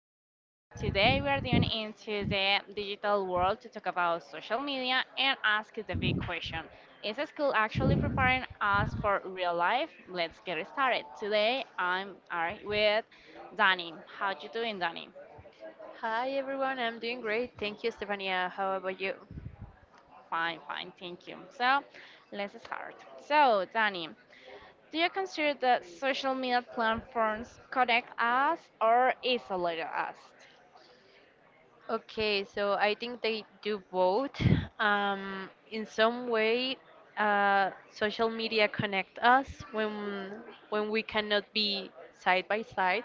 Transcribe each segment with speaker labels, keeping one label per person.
Speaker 1: the show. Today we are doing into the digital world to talk about social media and ask the big question. Is school actually preparing us for real life? Let's get started. Today I'm Ari with Danny. How you doing, Danny?
Speaker 2: Hi everyone, I'm doing great. Thank you, Stefania. How about you?
Speaker 1: Fine, fine, thank you. So let's start. So Danny, do you consider that social media platforms connect us or isolate us?
Speaker 2: Okay, so I think they do both. In some way, social media connect us when we cannot be side by side.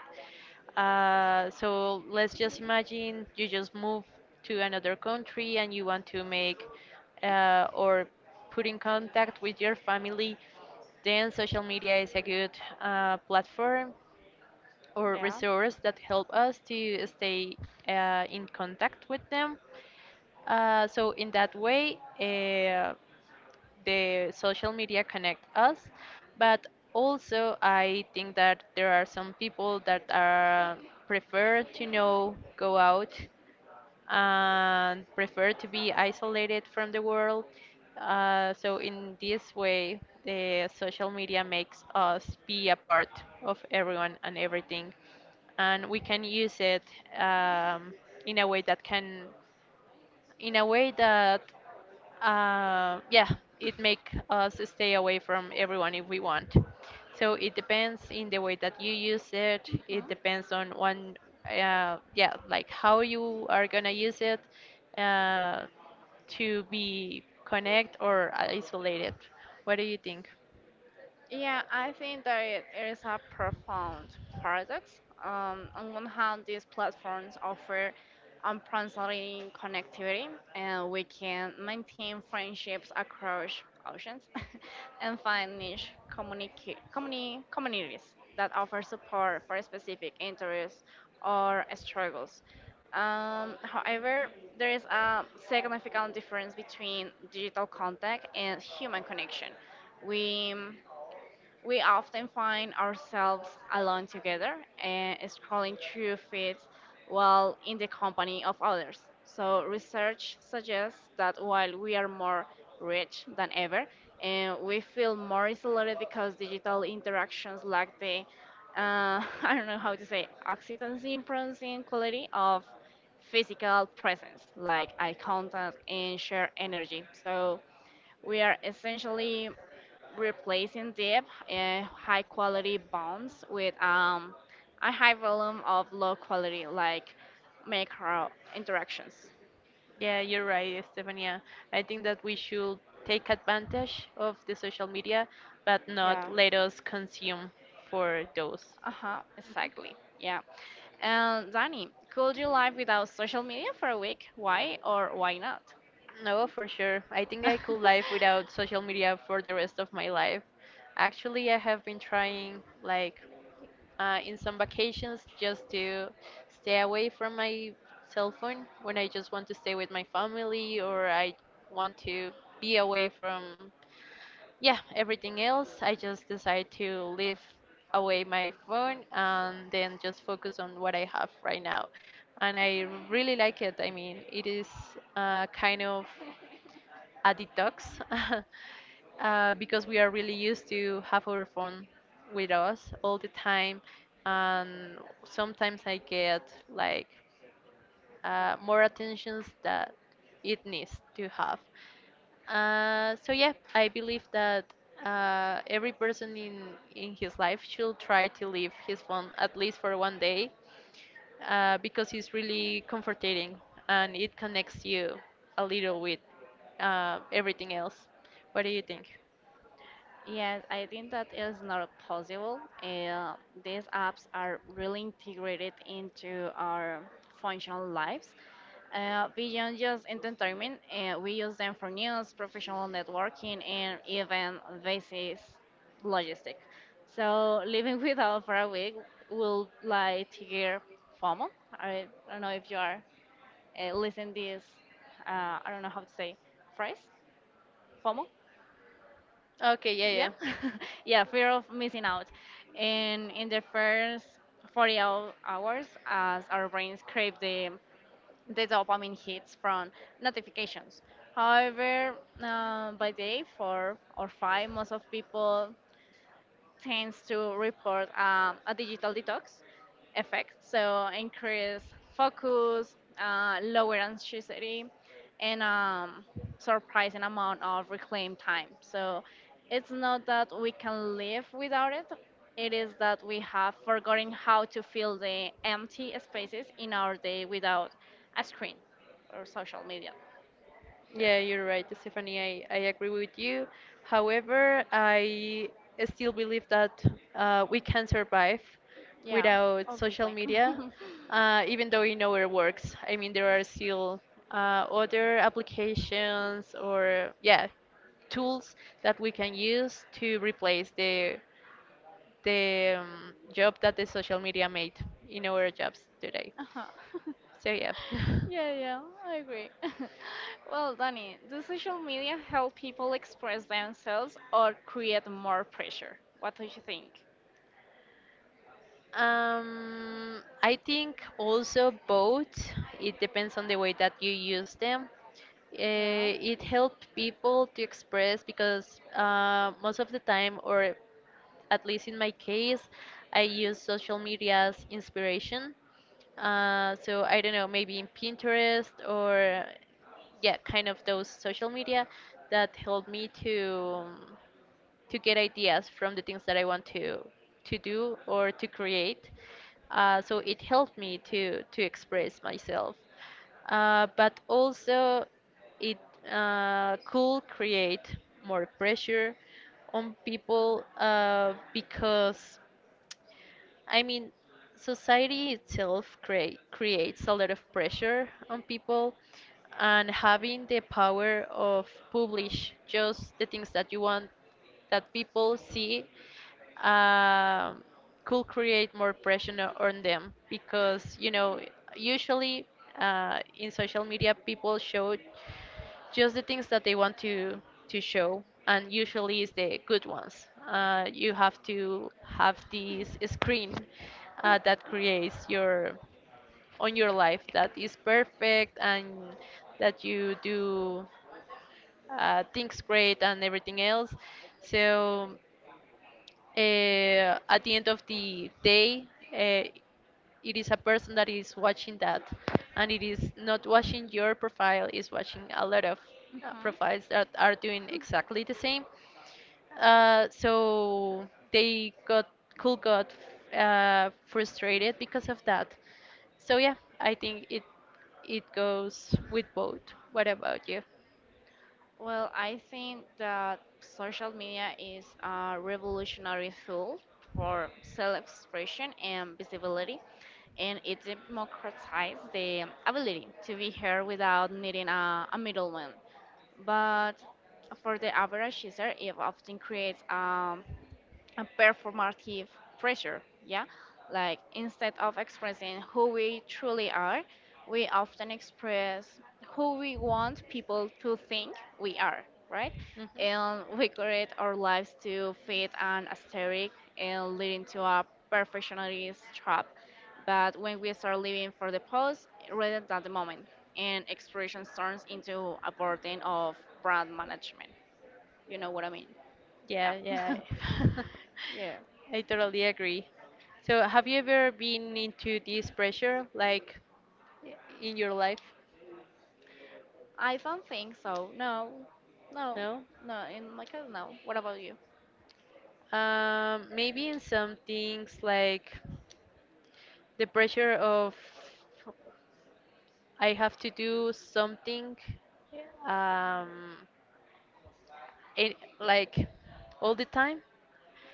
Speaker 2: So let's just imagine you just move to another country and you want to make or put in contact with your family. Then social media is a good platform or
Speaker 1: Yeah.
Speaker 2: resource that help us to stay in contact with them. So in that way, the social media connect us, but also I think that there are some people that are prefer to know go out and prefer to be isolated from the world. So in this way, the social media makes us be a part of everyone and everything, and we can use it um, in a way that can, in a way that yeah, it make us stay away from everyone if we want. So it depends in the way that you use it. It depends on one, yeah, like how you are gonna use it uh, to be connect or isolated. What do you think?
Speaker 1: Yeah, I think that it is a profound paradox. On one hand, these platforms offer unprecedented connectivity, and we can maintain friendships across oceans and find niche communities that offer support for specific interests or struggles. However, there is a significant difference between digital contact and human connection. We we often find ourselves alone together and scrolling through feeds while in the company of others. So, research suggests that while we are more rich than ever, and we feel more isolated because digital interactions lack the, I don't know how to say, oxytocin producing quality of physical presence, like eye contact and shared energy. So, we are essentially replacing deep and high quality bonds with a high volume of low quality like macro interactions.
Speaker 2: Yeah, you're right, Stefania. I think that we should take advantage of the social media, but
Speaker 1: Yeah.
Speaker 2: not let us consume for those.
Speaker 1: Uh huh. Exactly. Yeah. And Danny, could you live without social media for a week? Why or why not?
Speaker 2: No, for sure. I think I could live without social media for the rest of my life. Actually, I have been trying, like, in some vacations just to stay away from my cell phone when I just want to stay with my family or I want to be away from, yeah, everything else. I just decide to leave away my phone and then just focus on what I have right now. And I really like it. I mean, it is kind of a detox because we are really used to have our phone with us all the time and sometimes I get like more attentions that it needs to have so yeah I believe that every person in his life should try to leave his phone at least for one day because it's really comforting and it connects you a little with everything else. What do you think?
Speaker 1: Yes, I think that is not possible. These apps are really integrated into our functional lives. Beyond just entertainment, we use them for news, professional networking, and even basis logistics. So living without for a week will like trigger FOMO. I don't know if you are listening this. I don't know how to say phrase FOMO,
Speaker 2: Okay, yeah,
Speaker 1: yeah.
Speaker 2: yeah.
Speaker 1: Yeah, fear of missing out. And in the first 40 hours, as our brains crave the dopamine hits from notifications. However, by day four or five, most of people tends to report a digital detox effect, so increase focus, lower anxiety, and surprising amount of reclaimed time. So it's not that we can live without it. It is that we have forgotten how to fill the empty spaces in our day without a screen or social media. Either.
Speaker 2: Yeah, you're right, Stephanie. I agree with you. However, I still believe that we can survive
Speaker 1: Yeah,
Speaker 2: without social
Speaker 1: obviously.
Speaker 2: media, even though it nowhere works. I mean, there are still other applications or, yeah, tools that we can use to replace the job that the social media made in our jobs today.
Speaker 1: Uh-huh.
Speaker 2: So yeah.
Speaker 1: Yeah, yeah, I agree. Well, Danny, does social media help people express themselves or create more pressure? What do you think?
Speaker 2: I think also both. It depends on the way that you use them.
Speaker 1: Yeah.
Speaker 2: Uh, it helped people to express because most of the time, or at least in my case, I use social media as inspiration. So I don't know, maybe in Pinterest or yeah, kind of those social media that help me to get ideas from the things that I want to do or to create. So it helped me to express myself, but also it could create more pressure on people because I mean, society itself creates a lot of pressure on people, and having the power of publish just the things that you want that people see um, could create more pressure on them because you know usually in social media people show just the things that they want to show, and usually it's the good ones. You have to have this screen that creates your on your life that is perfect and that you do things great and everything else, so at the end of the day, uh, it is a person that is watching that, and it is not watching your profile, is watching a lot of
Speaker 1: Mhm.
Speaker 2: profiles that are doing exactly the same. So they got cool, got frustrated because of that. So yeah, I think it goes with both. What about you?
Speaker 1: Well, I think that social media is a revolutionary tool for self-expression and visibility, and it democratizes the ability to be heard without needing a middleman. But for the average user, it often creates a performative pressure, yeah? Like instead of expressing who we truly are, we often express who we want people to think we are, right?
Speaker 2: Mhm.
Speaker 1: And we create our lives to fit an aesthetic and leading to a perfectionist trap. But when we start living for the pose rather than the moment, and expression turns into a burden of brand management. You know what I mean?
Speaker 2: Yeah,
Speaker 1: Yeah.
Speaker 2: yeah.
Speaker 1: yeah.
Speaker 2: I totally agree. So, have you ever been into this pressure, like i- in your life?
Speaker 1: I don't think so. No, no,
Speaker 2: No?
Speaker 1: no. In my case, no. What about you?
Speaker 2: Maybe in some things like the pressure of I have to do something, um, it, like all the time.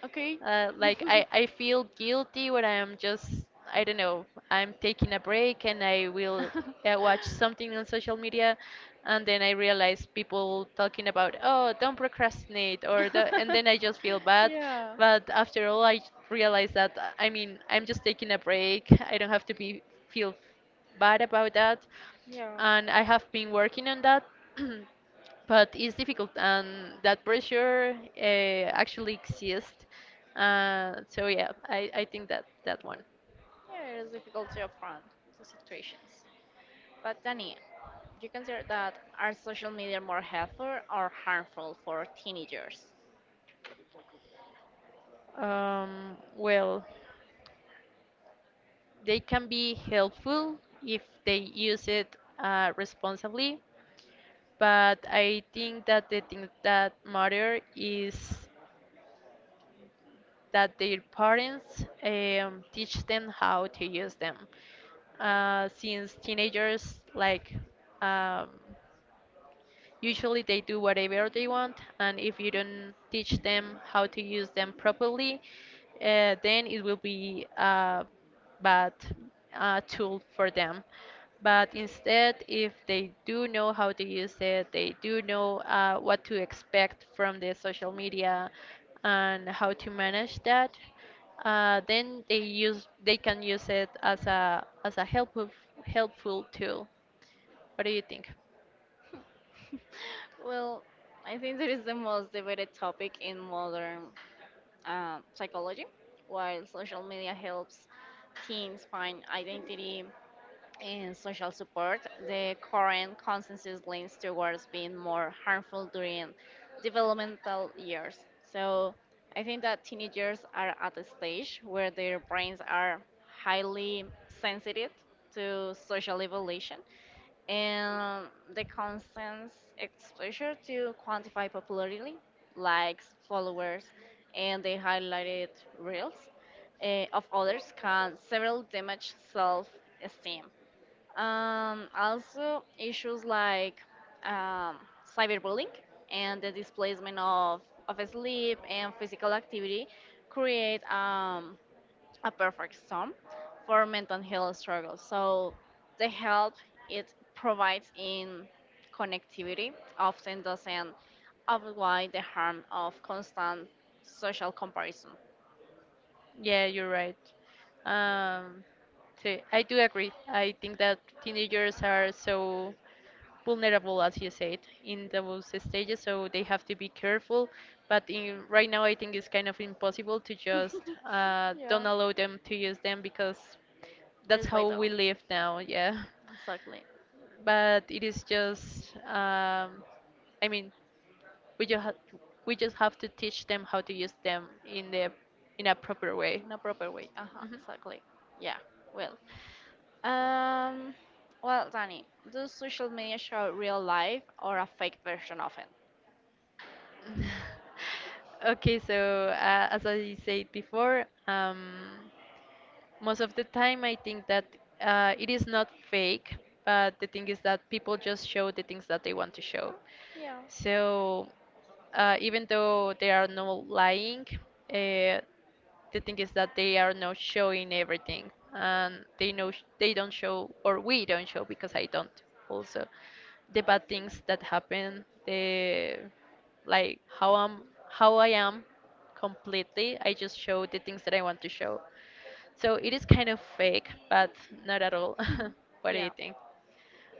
Speaker 1: Okay.
Speaker 2: Like I feel guilty when I'm just I don't know I'm taking a break and I will watch something on social media, and then I realize people talking about oh don't procrastinate or the, and then I just feel bad.
Speaker 1: yeah.
Speaker 2: But after all, I realize that I mean I'm just taking a break. I don't have to be feel bad about that,
Speaker 1: Yeah.
Speaker 2: and I have been working on that. But it's difficult and that pressure actually exists, so yeah I think that that one
Speaker 1: Yeah, it is difficult to affront to situations. But Danny, do you consider that are social media more helpful or harmful for teenagers?
Speaker 2: well they can be helpful if they use it responsibly, but I think that the thing that matter is that their parents teach them how to use them since teenagers like um, usually they do whatever they want, and if you don't teach them how to use them properly, then it will be a bad tool for them. But instead, if they do know how to use it, they do know what to expect from the social media and how to manage that, then they can use it as a helpful helpful tool. What do you think?
Speaker 1: Well, I think that is the most debated topic in modern psychology. While social media helps teens find identity, in social support, the current consensus leans towards being more harmful during developmental years. So I think that teenagers are at a stage where their brains are highly sensitive to social evolution, and the constant exposure to quantify popularity, likes, followers, and the highlighted reels, of others can severely damage self-esteem. Also, issues like um, cyberbullying and the displacement of sleep and physical activity create a perfect storm for mental health struggles. So, the help it provides in connectivity often doesn't outweigh the harm of constant social comparison.
Speaker 2: Yeah, you're right. Um, so I do agree. I think that teenagers are so vulnerable, as you said, in those stages, so they have to be careful. But in, right now, I think it's kind of impossible to just
Speaker 1: Yeah.
Speaker 2: don't allow them to use them because
Speaker 1: It
Speaker 2: that's
Speaker 1: is
Speaker 2: how we
Speaker 1: vital.
Speaker 2: live now. Yeah,
Speaker 1: Exactly.
Speaker 2: but it is just. I mean, we just ha we just have to teach them how to use them in the in a proper way.
Speaker 1: In a proper way. Uh huh.
Speaker 2: Mhm.
Speaker 1: Exactly. Yeah. Well. Um. Well, Danny, does social media show real life or a fake version of it?
Speaker 2: Okay, so as I said before, most of the time I think that it is not fake, but the thing is that people just show the things that they want to show.
Speaker 1: Yeah.
Speaker 2: So even though they are not lying, uh, the thing is that they are not showing everything, and they know they don't show, or we don't show because I don't also the bad things that happen, the like how I am completely. I just show the things that I want to show. So it is kind of fake, but not at all.
Speaker 1: Mhm.
Speaker 2: What do
Speaker 1: Yeah.
Speaker 2: you think?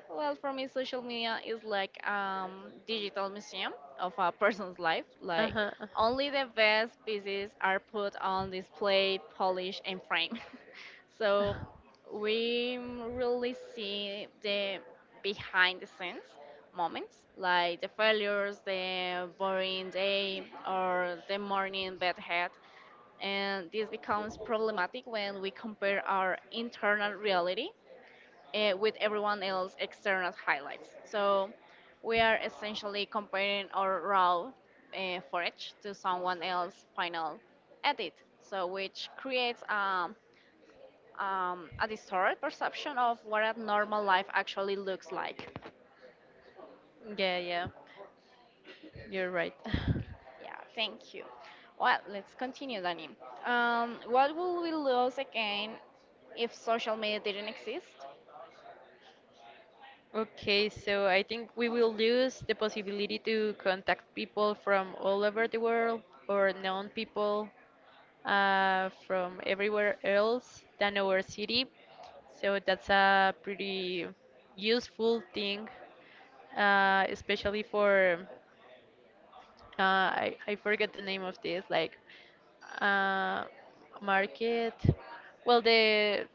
Speaker 1: Well, for me, social media is like digital museum of a person's life. Like
Speaker 2: Uh-huh.
Speaker 1: only the best pieces are put on display, polished, and framed. So
Speaker 2: Uh-huh.
Speaker 1: we really see the behind the scenes moments, like the failures, the boring day, or the morning bad head. And this becomes problematic when we compare our internal reality with everyone else external highlights. So we are essentially comparing our raw footage to someone else's final edit, so which creates a distorted perception of what a normal life actually looks like.
Speaker 2: Yeah, yeah. You're right.
Speaker 1: Yeah, thank you. Well, let's continue, Dani. What would we lose again if social media didn't exist?
Speaker 2: Okay, so I think we will lose the possibility to contact people from all over the world or known people from everywhere else than our city. So that's a pretty useful thing especially for I forget the name of this like uh, market well the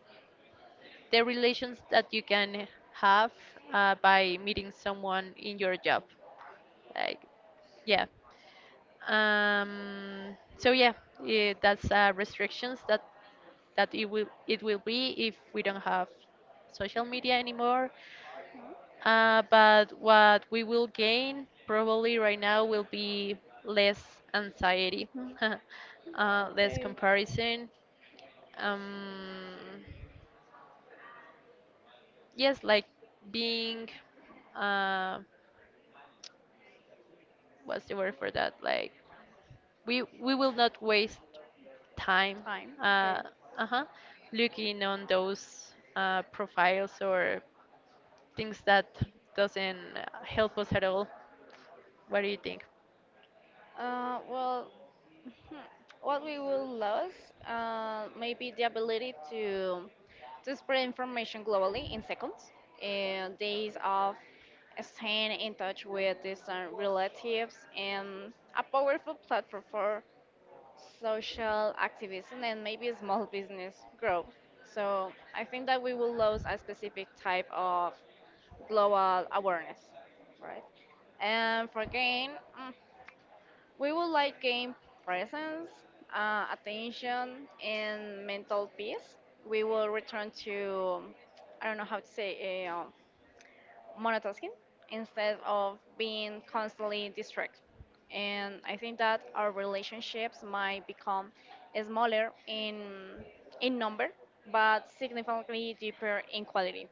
Speaker 2: the relations that you can have by meeting someone in your job like yeah so yeah that's restrictions that it will be if we don't have social media anymore. But what we will gain probably right now will be less anxiety, less comparison. Um, yes, like being, uh, what's the word for that? Like we will not waste time.
Speaker 1: Time.
Speaker 2: Uh, uh-huh, looking on those profiles or things that doesn't help us at all. What do you think?
Speaker 1: Well, Hmm. What we will lose, maybe the ability to spread information globally in seconds. And days of staying in touch with distant relatives and a powerful platform for social activism and maybe small business growth. So I think that we will lose a specific type of global awareness, right? And for gain. mm, we would like gain presence, attention, and mental peace. We will return to, I don't know how to say, monotasking instead of being constantly distracted. And I think that our relationships might become smaller in number, but significantly deeper in quality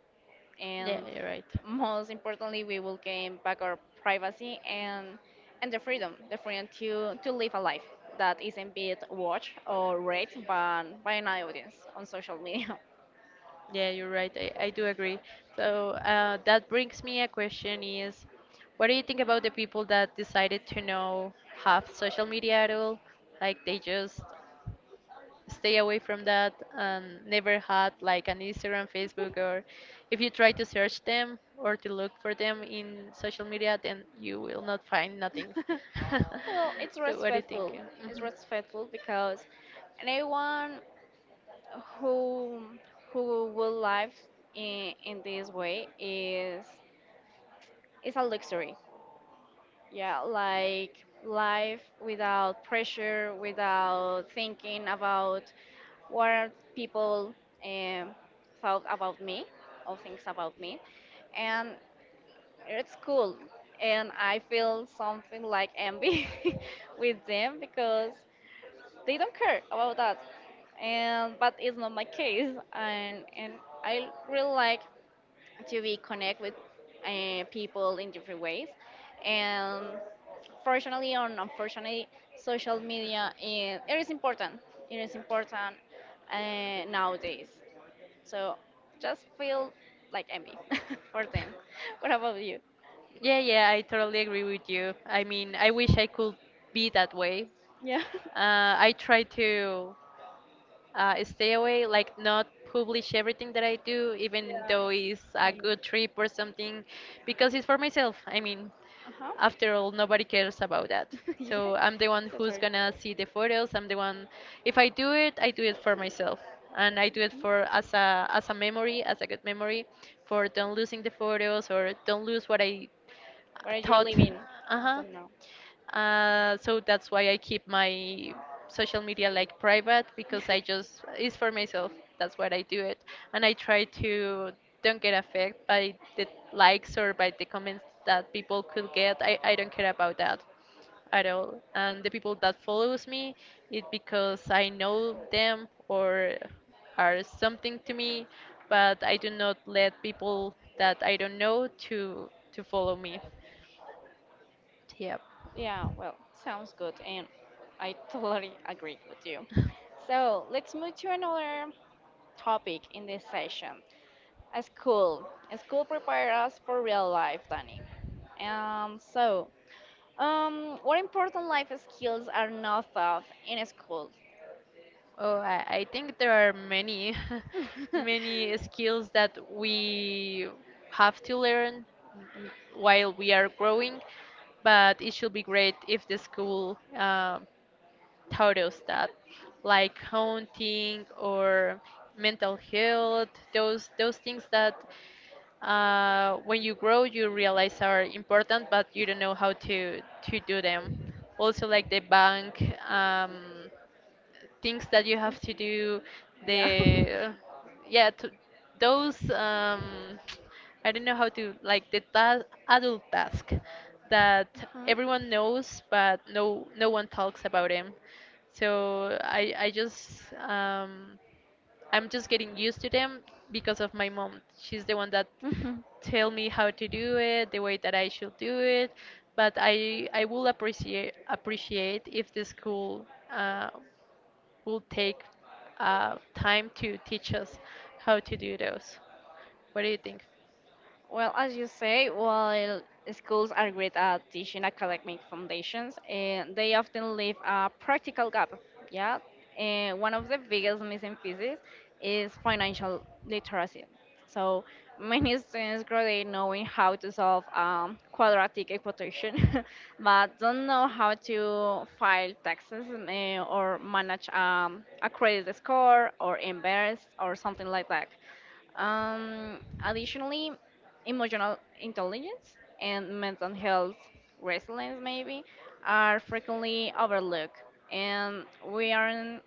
Speaker 2: Yeah,
Speaker 1: and
Speaker 2: you're right.
Speaker 1: most importantly, we will gain back our privacy and the freedom, to live a life that isn't being watched or read by an audience on social media.
Speaker 2: Yeah, you're right. I do agree. So that brings me a question is, what do you think about the people that decided to know have social media at all? Like they just stay away from that and never had like an Instagram, Facebook, or if you try to search them or to look for them in social media, then you will not find nothing.
Speaker 1: Well, it's
Speaker 2: So what do you think?
Speaker 1: respectful. It's
Speaker 2: Hmm.
Speaker 1: respectful because anyone who who will live in this way is a luxury. Yeah, like life without pressure, without thinking about what people um, thought about me, or things about me. And it's cool, and I feel something like envy with them because they don't care about that. And but it's not my case, and I really like to be connect with people in different ways. And fortunately or unfortunately, social media is, it is important. It is important nowadays. So just feel like envy for them. What about you?
Speaker 2: Yeah, yeah, I totally agree with you. I mean, I wish I could be that way.
Speaker 1: Yeah.
Speaker 2: I try to stay away, like not publish everything that I do, even
Speaker 1: Yeah,
Speaker 2: though it's a
Speaker 1: same.
Speaker 2: good trip or something, because it's for myself. I mean,
Speaker 1: Uh huh.
Speaker 2: after all, nobody cares about that.
Speaker 1: yeah.
Speaker 2: So I'm the one
Speaker 1: So
Speaker 2: who's
Speaker 1: true.
Speaker 2: gonna see the photos. I'm the one. If I do it, I do it for myself, and I do it for as a memory, as a good memory, for don't losing the photos or don't lose what I
Speaker 1: Where you're
Speaker 2: thought.
Speaker 1: living?
Speaker 2: Uh
Speaker 1: I
Speaker 2: huh.
Speaker 1: don't know.
Speaker 2: So that's why I keep my social media like private because I just it's for myself. That's what I do it, and I try to don't get affected by the likes or by the comments that people could get. I don't care about that at all. And the people that follows me, it because I know them or are something to me, but I do not let people that I don't know to follow me. Yep.
Speaker 1: Yeah, well, sounds good, and I totally agree with you. So let's move to another topic in this session. A school prepare us for real life, Danny. So, what important life skills are not taught in school?
Speaker 2: Oh, I think there are many, many skills that we have to learn n- while we are growing, but it should be great if the school taught us that, like counting or mental health, those things that when you grow you realize are important, but you don't know how to do them. Also, like the bank. Um, things that you have to do
Speaker 1: Yeah.
Speaker 2: the yeah to, those I don't know how to like the adult task that
Speaker 1: Hmm.
Speaker 2: everyone knows but no one talks about them. So I just I'm just getting used to them because of my mom. She's the one that
Speaker 1: Hmm.
Speaker 2: tell me how to do it, the way that I should do it. But I will appreciate if the school uh, will take time to teach us how to do those. What do you think?
Speaker 1: Well, as you say, while schools are great at teaching academic foundations, they often leave a practical gap. Yeah, and one of the biggest missing pieces is financial literacy. So many students graduate knowing how to solve quadratic equation, but don't know how to file taxes, or manage a credit score or invest or something like that. Um, Additionally, emotional intelligence and mental health resilience maybe are frequently overlooked, and we aren't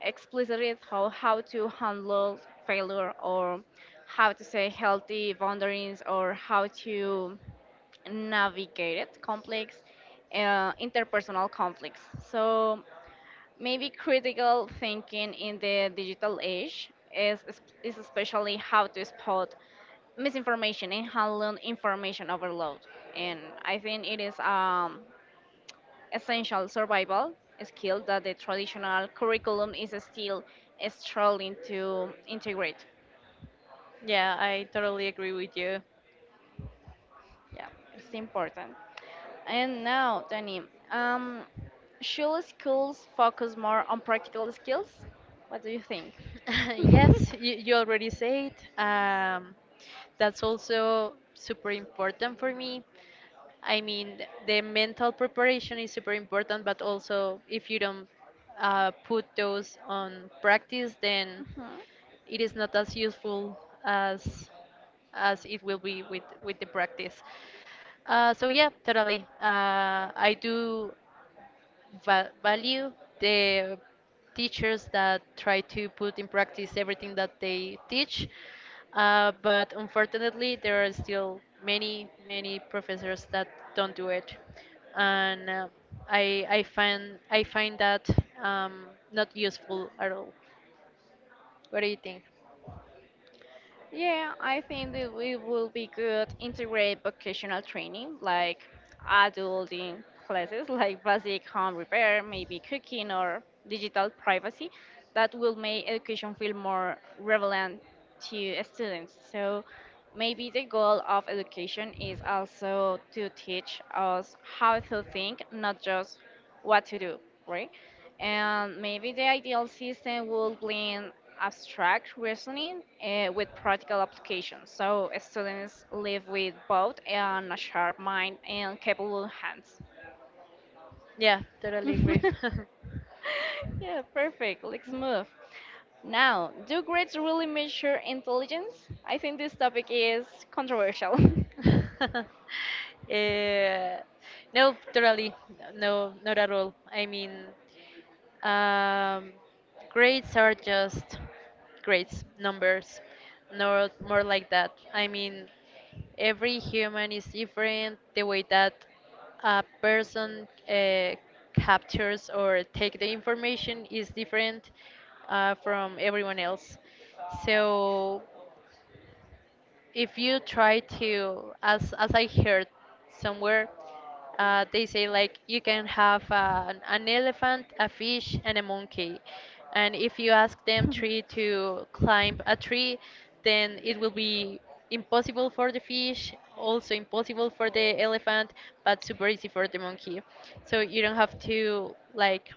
Speaker 1: explicitly how to handle failure or how to set healthy boundaries or how to navigate complex interpersonal conflicts. So maybe critical thinking in the digital age is especially how to spot misinformation and handle information overload. And I think it is essential survival skill that the traditional curriculum is still struggling to integrate.
Speaker 2: Yeah, I totally agree with you.
Speaker 1: Yeah, it's important. And now, Danny, um, should schools focus more on practical skills? What do you think? Mhm.
Speaker 2: Yes, you already said. Um, that's also super important for me. I mean, the mental preparation is super important, but also if you don't put those on practice, then it is not as useful as as it will be with the practice. So yeah, totally. I do value the teachers that try to put in practice everything that they teach, but unfortunately, there are still many, many professors that don't do it, and I find that not useful at all. What do you think?
Speaker 1: Yeah, I think that we will be good integrate vocational training like adulting classes like basic home repair, maybe cooking or digital privacy that will make education feel more relevant to students. So maybe the goal of education is also to teach us how to think, not just what to do, right? And maybe the ideal system will blend abstract reasoning with practical applications, so students live with both and a sharp mind and capable hands.
Speaker 2: Yeah, totally agree.
Speaker 1: Yeah, perfect. Let's move. Now, do grades really measure intelligence? I think this topic is controversial.
Speaker 2: Eh, no, totally. No, not at all. I mean, um, grades are just grades, numbers, no more like that. I mean, every human is different. The way that a person captures or take the information is different from everyone else. So if you try to as I heard somewhere they say like you can have an elephant a fish and a monkey, and if you ask them three to climb a tree, then it will be impossible for the fish, also impossible for the elephant, but super easy for the monkey. So you don't have to like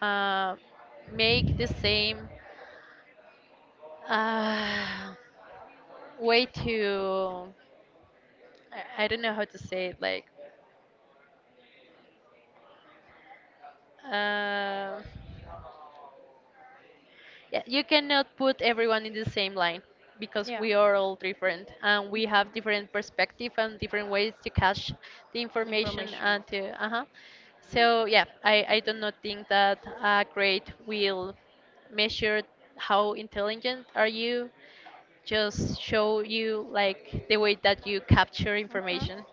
Speaker 2: uh, make the same uh, way to I don't know how to say it. Like, uh, yeah, you cannot put everyone in the same line because
Speaker 1: Yeah,
Speaker 2: we are all different and we have different perspective and different ways to catch the information
Speaker 1: information.
Speaker 2: and to uh-huh. So yeah, I do not think that a grade will measure how intelligent are you. Just show you like the way that you capture
Speaker 1: Hmm.
Speaker 2: information.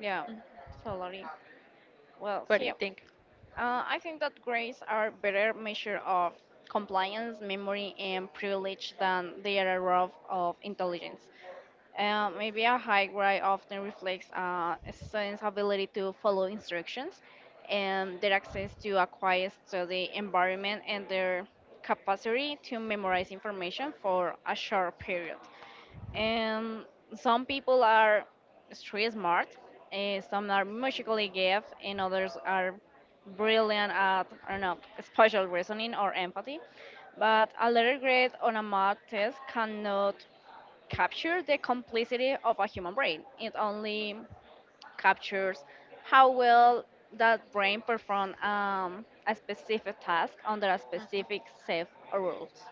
Speaker 1: Yeah, totally. Well,
Speaker 2: What do
Speaker 1: see.
Speaker 2: you think?
Speaker 1: I think that grades are better measure of compliance, memory, and privilege than they are a rough of intelligence. Maybe a high grade often reflects a student's ability to follow instructions, and their access to a quiet study environment, and their capacity to memorize information for a short period. And some people are street smart, and some are musically gifted, and others are brilliant at, I don't know, spatial reasoning or empathy. But a letter grade on a math test cannot capture the complexity of a human brain. It only captures how well that brain performs a specific task under a specific
Speaker 2: Mm-hmm.
Speaker 1: set of rules.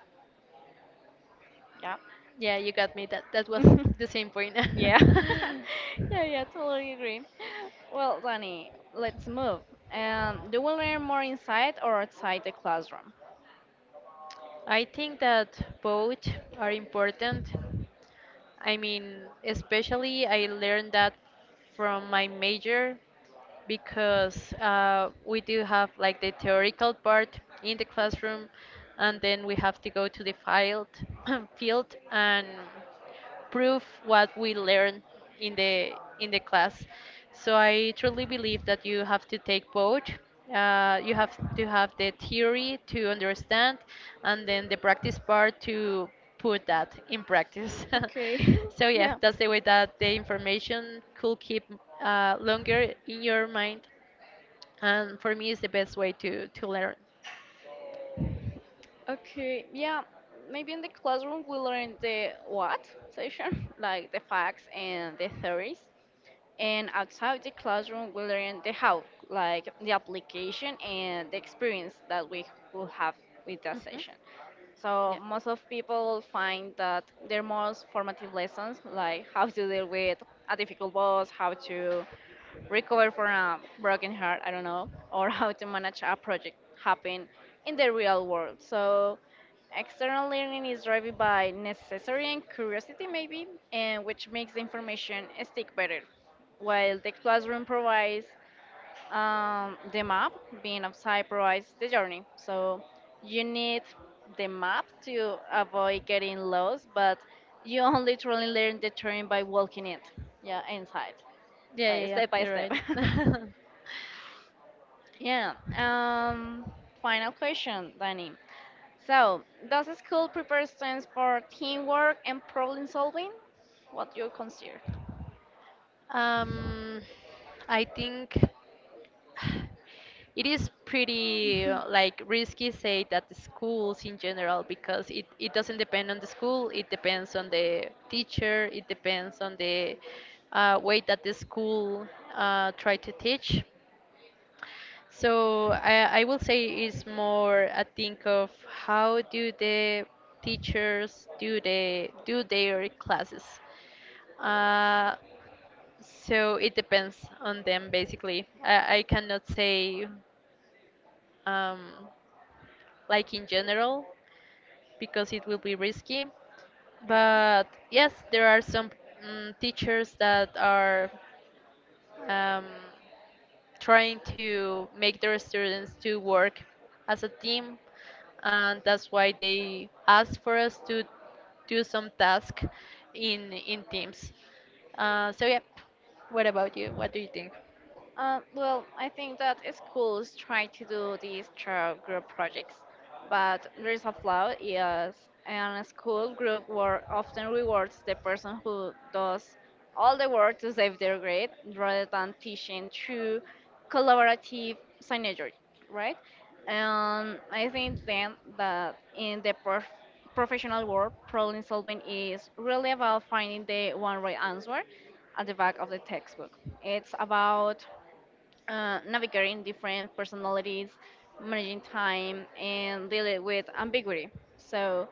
Speaker 2: Yeah, you got me. That was
Speaker 1: Yeah.
Speaker 2: the same point.
Speaker 1: Yeah. Yeah, yeah, totally agree. Well, Danny, let's move. Do we learn more inside or outside the classroom?
Speaker 2: I think that both are important. I mean, especially I learned that from my major because we do have like the theoretical part in the classroom, and then we have to go to the field, field and prove what we learn in the in the class. So I truly believe that you have to take both. You have to have the theory to understand, and then the practice part to put that in practice.
Speaker 1: Okay.
Speaker 2: So yeah,
Speaker 1: yeah.
Speaker 2: that's the way that the information could keep longer in your mind, and for me, it's the best way to learn.
Speaker 1: Okay. Yeah. Maybe in the classroom we learn the what session, like the facts and the theories. And outside the classroom we learn the how, like the application and the experience that we will have with that
Speaker 2: Hmm.
Speaker 1: session.
Speaker 2: Yeah,
Speaker 1: So most of people find that their most formative lessons, like how to deal with a difficult boss, how to recover from a broken heart, I don't know, or how to manage a project, happen in the real world. So external learning is driven by necessity and curiosity, maybe, and which makes the information stick better, while the classroom provides the map, being outside provides the journey. So you need the map to avoid getting lost, but you only truly learn the terrain by walking it. Yeah, inside,
Speaker 2: yeah,
Speaker 1: like
Speaker 2: yeah. Yeah,
Speaker 1: step by
Speaker 2: you're
Speaker 1: step.
Speaker 2: right.
Speaker 1: Yeah. Final question, Danny. So, does school prepare students for teamwork and problem solving? What do you consider?
Speaker 2: Um, I think it is pretty like risky say that the schools in general because it doesn't depend on the school, it depends on the teacher, it depends on the way that the school try to teach. So I will say it's more a think of how do the teachers do they do their classes. Uh, so it depends on them basically. I cannot say um, like in general because it will be risky.
Speaker 1: Yeah.
Speaker 2: But yes, there are some mm, teachers that are um, trying to make their students to work as a team, and that's why they ask for us to do some task in teams. So yeah, what about you? What do you think?
Speaker 1: Well, I think that schools try to do these child group projects, but there is a flaw, yes. And a school group work often rewards the person who does all the work to save their grade rather than teaching through collaborative synergy, right? And I think then that in the professional world, problem solving is really about finding the one right answer at the back of the textbook. It's about navigating different personalities, managing time, and dealing with ambiguity. So,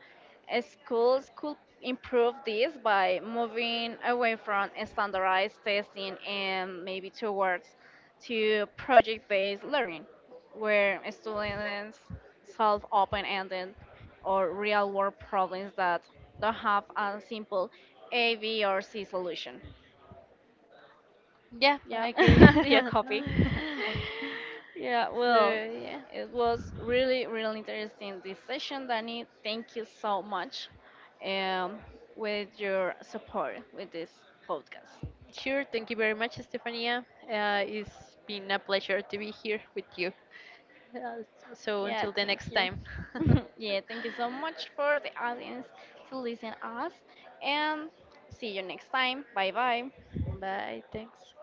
Speaker 1: schools could improve this by moving away from standardized testing and maybe towards to project-based learning, where students solve open-ended or real-world problems that don't have a simple A, B, or C solution.
Speaker 2: Yeah, I
Speaker 1: Yeah,
Speaker 2: agree.
Speaker 1: yeah, copy. Yeah,
Speaker 2: So
Speaker 1: well,
Speaker 2: yeah,
Speaker 1: it was really, really interesting this session, Danny. Thank you so much um, with your support with this podcast.
Speaker 2: sure. Thank you very much, Stefania. It's been a pleasure to be here with you. Uh, so
Speaker 1: Yeah,
Speaker 2: until the
Speaker 1: thank
Speaker 2: next
Speaker 1: you.
Speaker 2: time.
Speaker 1: Yeah, thank you so much for the audience to listen us, and see you next time. Bye bye.
Speaker 2: Bye. Thanks.